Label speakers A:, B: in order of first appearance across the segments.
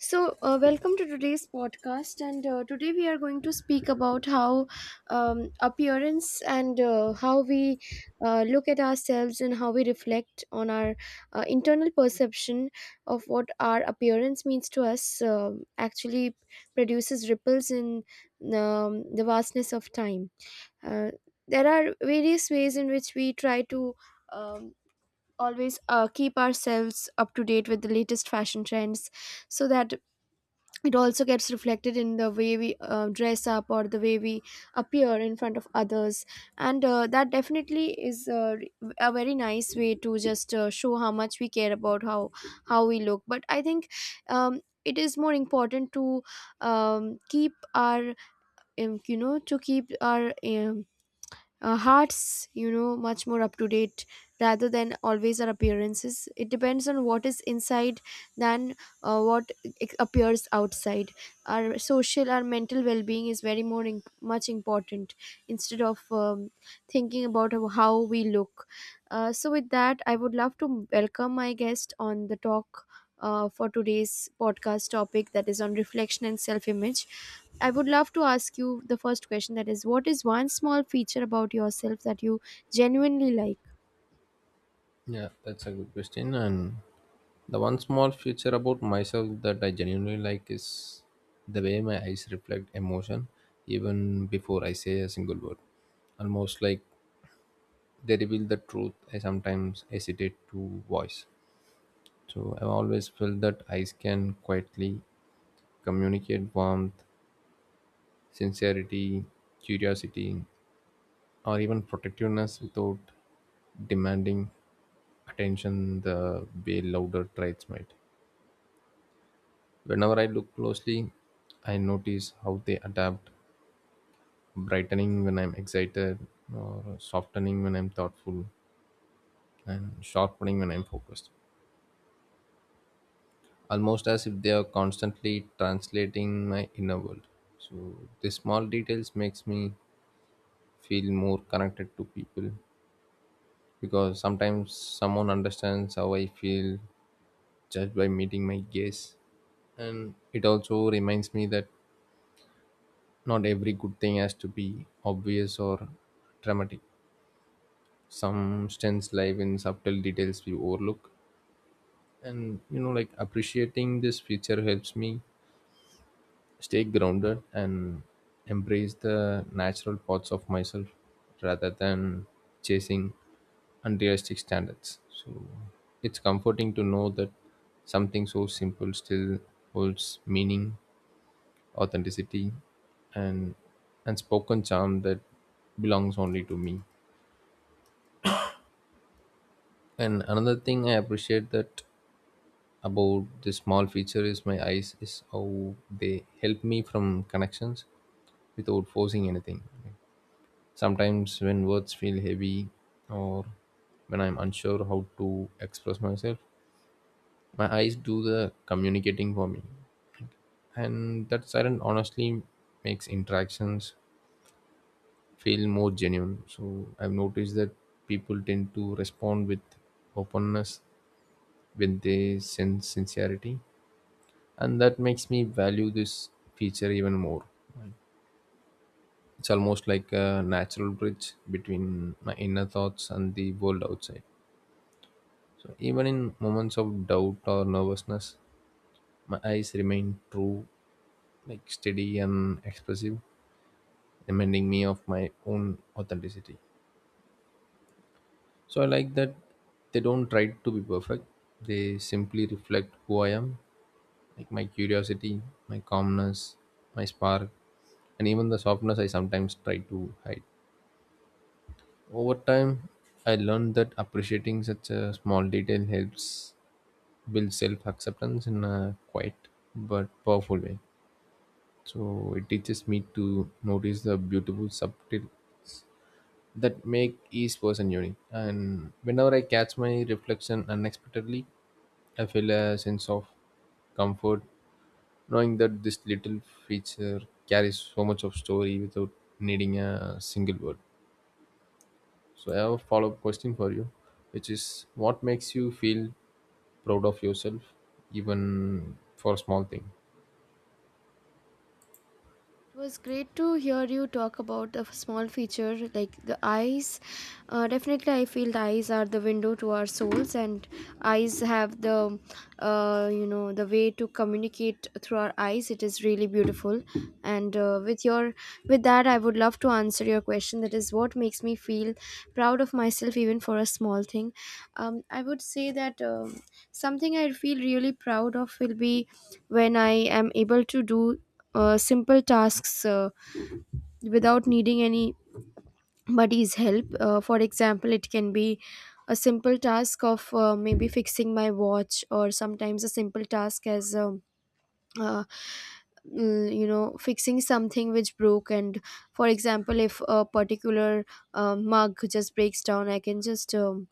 A: So, welcome to today's podcast. And today we are going to speak about how appearance and how we look at ourselves and how we reflect on our internal perception of what our appearance means to us actually produces ripples in the vastness of time. Uh, there are various ways in which we try to. Um, Always keep ourselves up to date with the latest fashion trends, so that it also gets reflected in the way we dress up or the way we appear in front of others, and that definitely is a very nice way to just show how much we care about how we look. But I think it is more important to keep our to keep our hearts, much more up to date, rather than always our appearances. It depends on what is inside than what appears outside. Our social our mental well-being is very more much important, instead of thinking about how we look. So, with that I would love to welcome my guest on the talk, for today's podcast topic, that is on reflection and self image. I would love to ask you the first question, that is, what is one small feature about yourself that you genuinely like?
B: Yeah, that's a good question. And the one small feature about myself that I genuinely like is the way my eyes reflect emotion even before I say a single word. Almost like they reveal the truth I sometimes hesitate to voice. So I've always felt that eyes can quietly communicate warmth, sincerity, curiosity, or even protectiveness without demanding attention the way louder traits might. Whenever I look closely, I notice how they adapt, brightening when I'm excited, or softening when I'm thoughtful, and sharpening when I'm focused. Almost as if they are constantly translating my inner world. So these small details makes me feel more connected to people because sometimes someone understands how I feel just by meeting my gaze. And it also reminds me that not every good thing has to be obvious or dramatic. Substance live in subtle details we overlook, and like appreciating this feature helps me stay grounded and embrace the natural parts of myself rather than chasing unrealistic standards. So it's comforting to know that something so simple still holds meaning, authenticity, and and spoken charm that belongs only to me. And another thing I appreciate that about this small feature is my eyes is how they help me from connections without forcing anything. Sometimes when words feel heavy, or when I'm unsure how to express myself, my eyes do the communicating for me, and that silence honestly makes interactions feel more genuine. So I've noticed that people tend to respond with openness when they sense sincerity, and that makes me value this feature even more. It's almost like a natural bridge between my inner thoughts and the world outside. So even in moments of doubt or nervousness, my eyes remain true, like steady and expressive, reminding me of my own authenticity. So I like that they don't try to be perfect. They simply reflect who I am, like my curiosity, my calmness, my spark, and even the softness I sometimes try to hide. Over time, I learned that appreciating such a small detail helps build self acceptance in a quiet but powerful way. So it teaches me to notice the beautiful subtle that make each person unique. And whenever I catch my reflection unexpectedly, I feel a sense of comfort, knowing that this little feature carries so much of story without needing a single word. So I have a follow-up question for you, which is what makes you feel proud of yourself, even for a small thing?
A: It was great to hear you talk about the small feature like the eyes. Definitely, I feel the eyes are the window to our souls, and eyes have the way to communicate through our eyes. It is really beautiful. And with that, I would love to answer your question. That is what makes me feel proud of myself, even for a small thing. I would say that something I feel really proud of will be when I am able to do simple tasks without needing anybody's help. For example, it can be a simple task of maybe fixing my watch, or sometimes a simple task as uh, fixing something which broke. And for example, if a particular mug just breaks down, I can just um,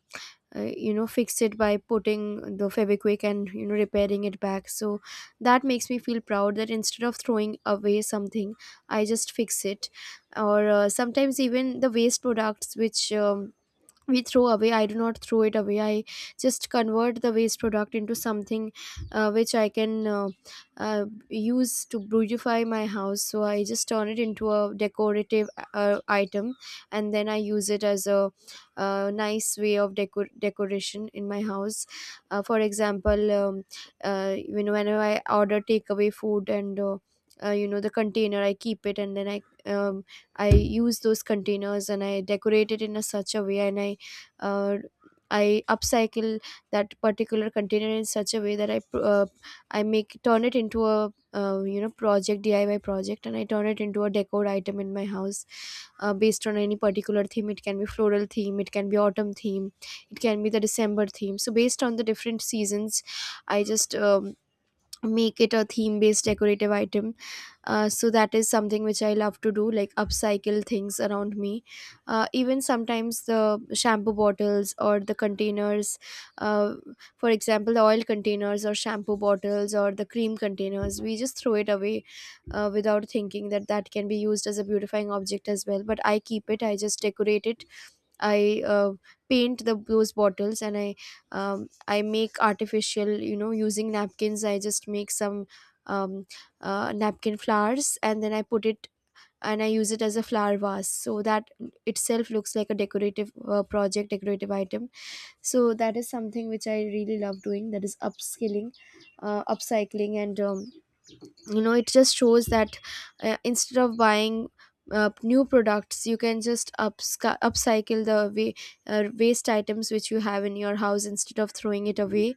A: uh, you know fix it by putting the Feviquick and repairing it back. So that makes me feel proud that instead of throwing away something, I just fix it. Or sometimes even the waste products which we throw away, I do not throw it away. I just convert the waste product into something which I can use to beautify my house. So I just turn it into a decorative item, and then I use it as a nice way of decoration in my house. For example, whenever I order takeaway food, and the container, I keep it, and then I um, I use those containers, and I decorate it in a such a way, and uh, I upcycle that particular container in such a way that I pr- I make turn it into a you know project DIY project, and I turn it into a decor item in my house, based on any particular theme. It can be floral theme, it can be autumn theme, it can be the December theme. So based on the different seasons, I just make it a theme based decorative item. So that is something which I love to do, like upcycle things around me. Even sometimes the shampoo bottles or the containers, uh, for example the oil containers or shampoo bottles or the cream containers, we just throw it away, without thinking that that can be used as a beautifying object as well. But I keep it, I just decorate it. I paint the those bottles, and um, I make artificial, using napkins. I just make some um, napkin flowers, and then I put it, and I use it as a flower vase. So that itself looks like a decorative project, decorative item. So that is something which I really love doing. That is upskilling, upcycling, and it just shows that instead of buying new products, you can just upcycle the way waste items which you have in your house instead of throwing it away.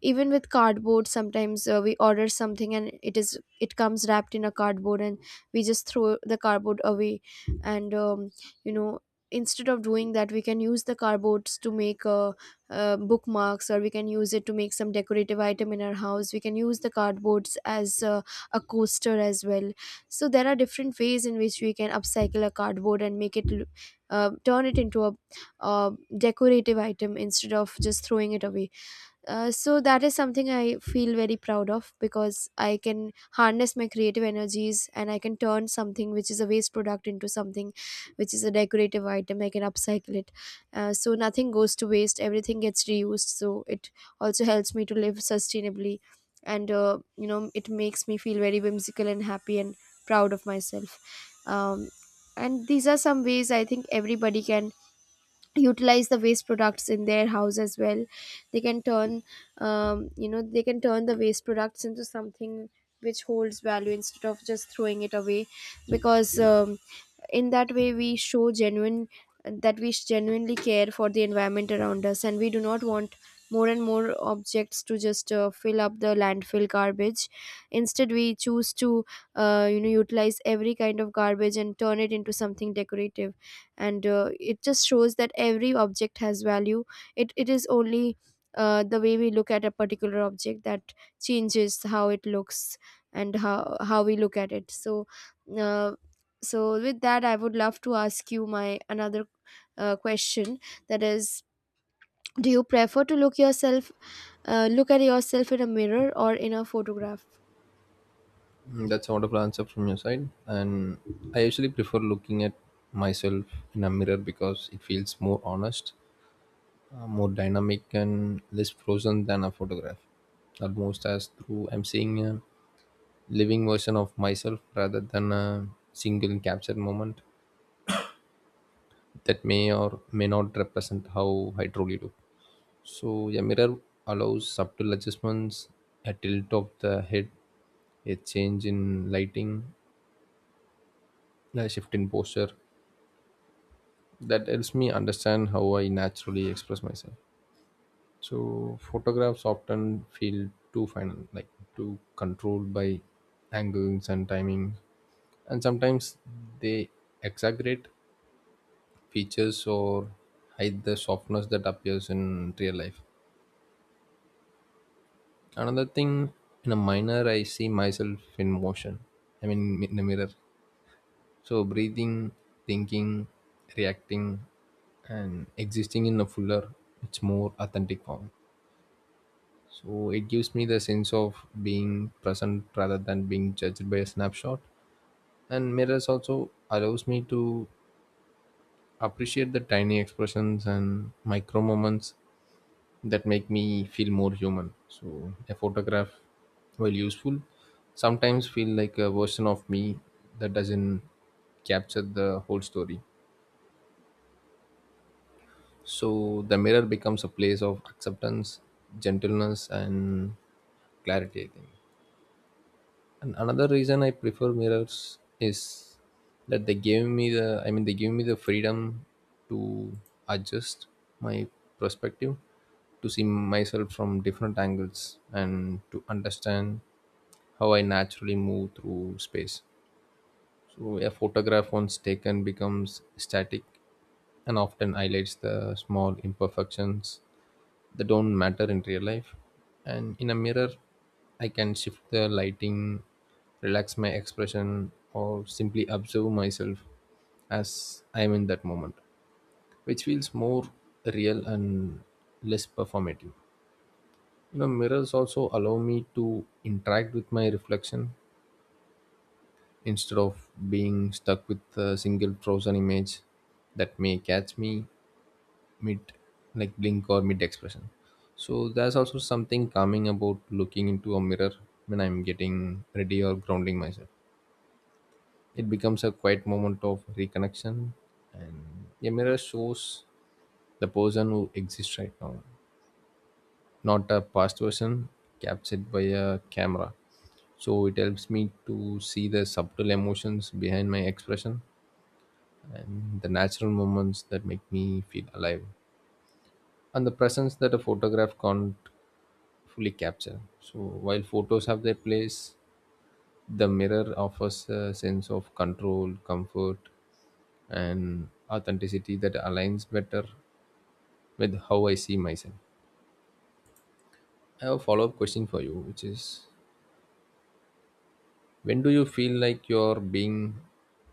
A: Even with cardboard, sometimes we order something, and it comes wrapped in a cardboard, and we just throw the cardboard away. And you know instead of doing that, we can use the cardboards to make bookmarks, or we can use it to make some decorative item in our house. We can use the cardboards as a coaster as well. So there are different ways in which we can upcycle a cardboard and turn it into a uh, decorative item instead of just throwing it away. So that is something I feel very proud of, because I can harness my creative energies and I can turn something which is a waste product into something which is a decorative item. I can upcycle it. So nothing goes to waste, everything gets reused. So it also helps me to live sustainably, and it makes me feel very whimsical and happy and proud of myself. um, and these are some ways I think everybody can utilize the waste products in their house as well. They can turn you know they can turn the waste products into something which holds value instead of just throwing it away. Because in that way we show genuine that we genuinely care for the environment around us, and we do not want more and more objects to just fill up the landfill garbage. Instead we choose to utilize every kind of garbage and turn it into something decorative. And it just shows that every object has value. It is only the way we look at a particular object that changes how it looks and how we look at it. So uh, so with that I would love to ask you my another question, that is, do you prefer to look yourself look at yourself in a mirror or in a photograph?
B: Mm, that's a wonderful answer from your side. And I usually prefer looking at myself in a mirror because it feels more honest, more dynamic, and less frozen than a photograph. Almost as through I'm seeing a living version of myself rather than a single captured moment that may or may not represent how I truly look. So a mirror allows subtle adjustments, a tilt of the head, a change in lighting, a shift in posture. That helps me understand how I naturally express myself. So photographs often feel too final, like too controlled by angles and timing, and sometimes they exaggerate features or hide the softness that appears in real life. Another thing, in a minor I see myself in motion, I mean in the mirror, so breathing, thinking, reacting, and existing in a fuller, it's more authentic form. So it gives me the sense of being present rather than being judged by a snapshot. And mirrors also allows me to appreciate the tiny expressions and micro moments that make me feel more human. So a photograph, while useful, sometimes feel like a version of me that doesn't capture the whole story. So the mirror becomes a place of acceptance, gentleness, and clarity, I think. And another reason I prefer mirrors is that they give me the I mean they give me the freedom to adjust my perspective, to see myself from different angles and to understand how I naturally move through space. So a photograph once taken becomes static and often highlights the small imperfections that don't matter in real life. And in a mirror, I can shift the lighting, relax my expression, or simply observe myself as I am in that moment, which feels more real and less performative. You know, mirrors also allow me to interact with my reflection instead of being stuck with a single frozen image that may catch me mid, like, blink or mid expression. So there's also something calming about looking into a mirror when I'm getting ready or grounding myself. It becomes a quiet moment of reconnection. And a mirror shows the person who exists right now, not a past version captured by a camera. So it helps me to see the subtle emotions behind my expression and the natural moments that make me feel alive, and the presence that a photograph can't fully capture. So while photos have their place, the mirror offers a sense of control, comfort, and authenticity that aligns better with how I see myself. I have a follow-up question for you, which is when do you feel like you're being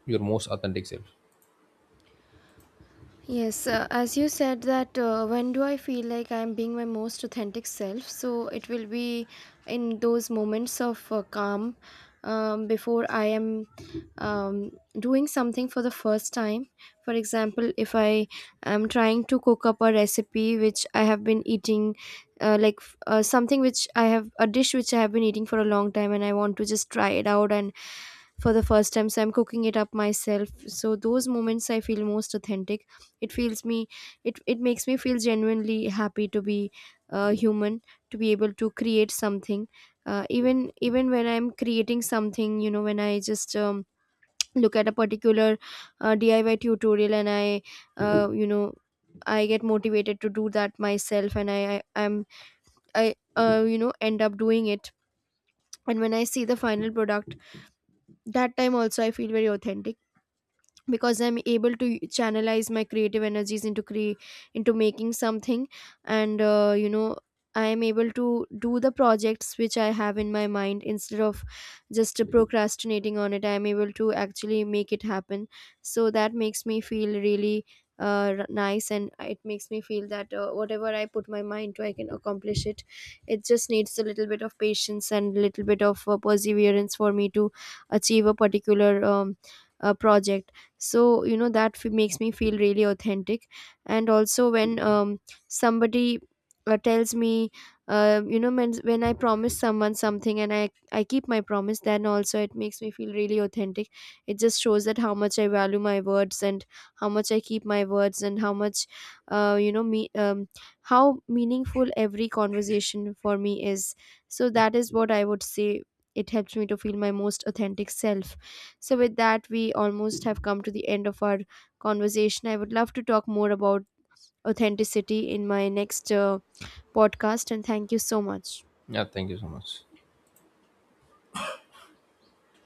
B: your most authentic self?
A: Yes, as you said that, when do I feel like I'm being my most authentic self? So it will be in those moments of calm, before I am um, doing something for the first time. For example, if I am trying to cook up a recipe which I have been eating, something which I have, a dish which I have been eating for a long time, and I want to just try it out and for the first time, so I'm cooking it up myself. So those moments I feel most authentic. It feels me it, it makes me feel genuinely happy to be human, to be able to create something. Even when I'm creating something, when I just look at a particular DIY tutorial, and I you know I get motivated to do that myself, and I I'm I you know end up doing it. And when I see the final product, that time also I feel very authentic, because I'm able to channelize my creative energies into making something. And I am able to do the projects which I have in my mind instead of just procrastinating on it. I am able to actually make it happen. So that makes me feel really nice, and it makes me feel that whatever I put my mind to I can accomplish it. It just needs a little bit of patience and a little bit of perseverance for me to achieve a particular project. So that makes me feel really authentic. And also when somebody tells me, when I promise someone something, and I keep my promise, then also it makes me feel really authentic. It just shows that how much I value my words, and how much I keep my words, and how much you know me how meaningful every conversation for me is. So that is what I would say, it helps me to feel my most authentic self. So, with that, we almost have come to the end of our conversation. I would love to talk more about authenticity in my next podcast, and thank you so much.
B: Yeah, thank you so much.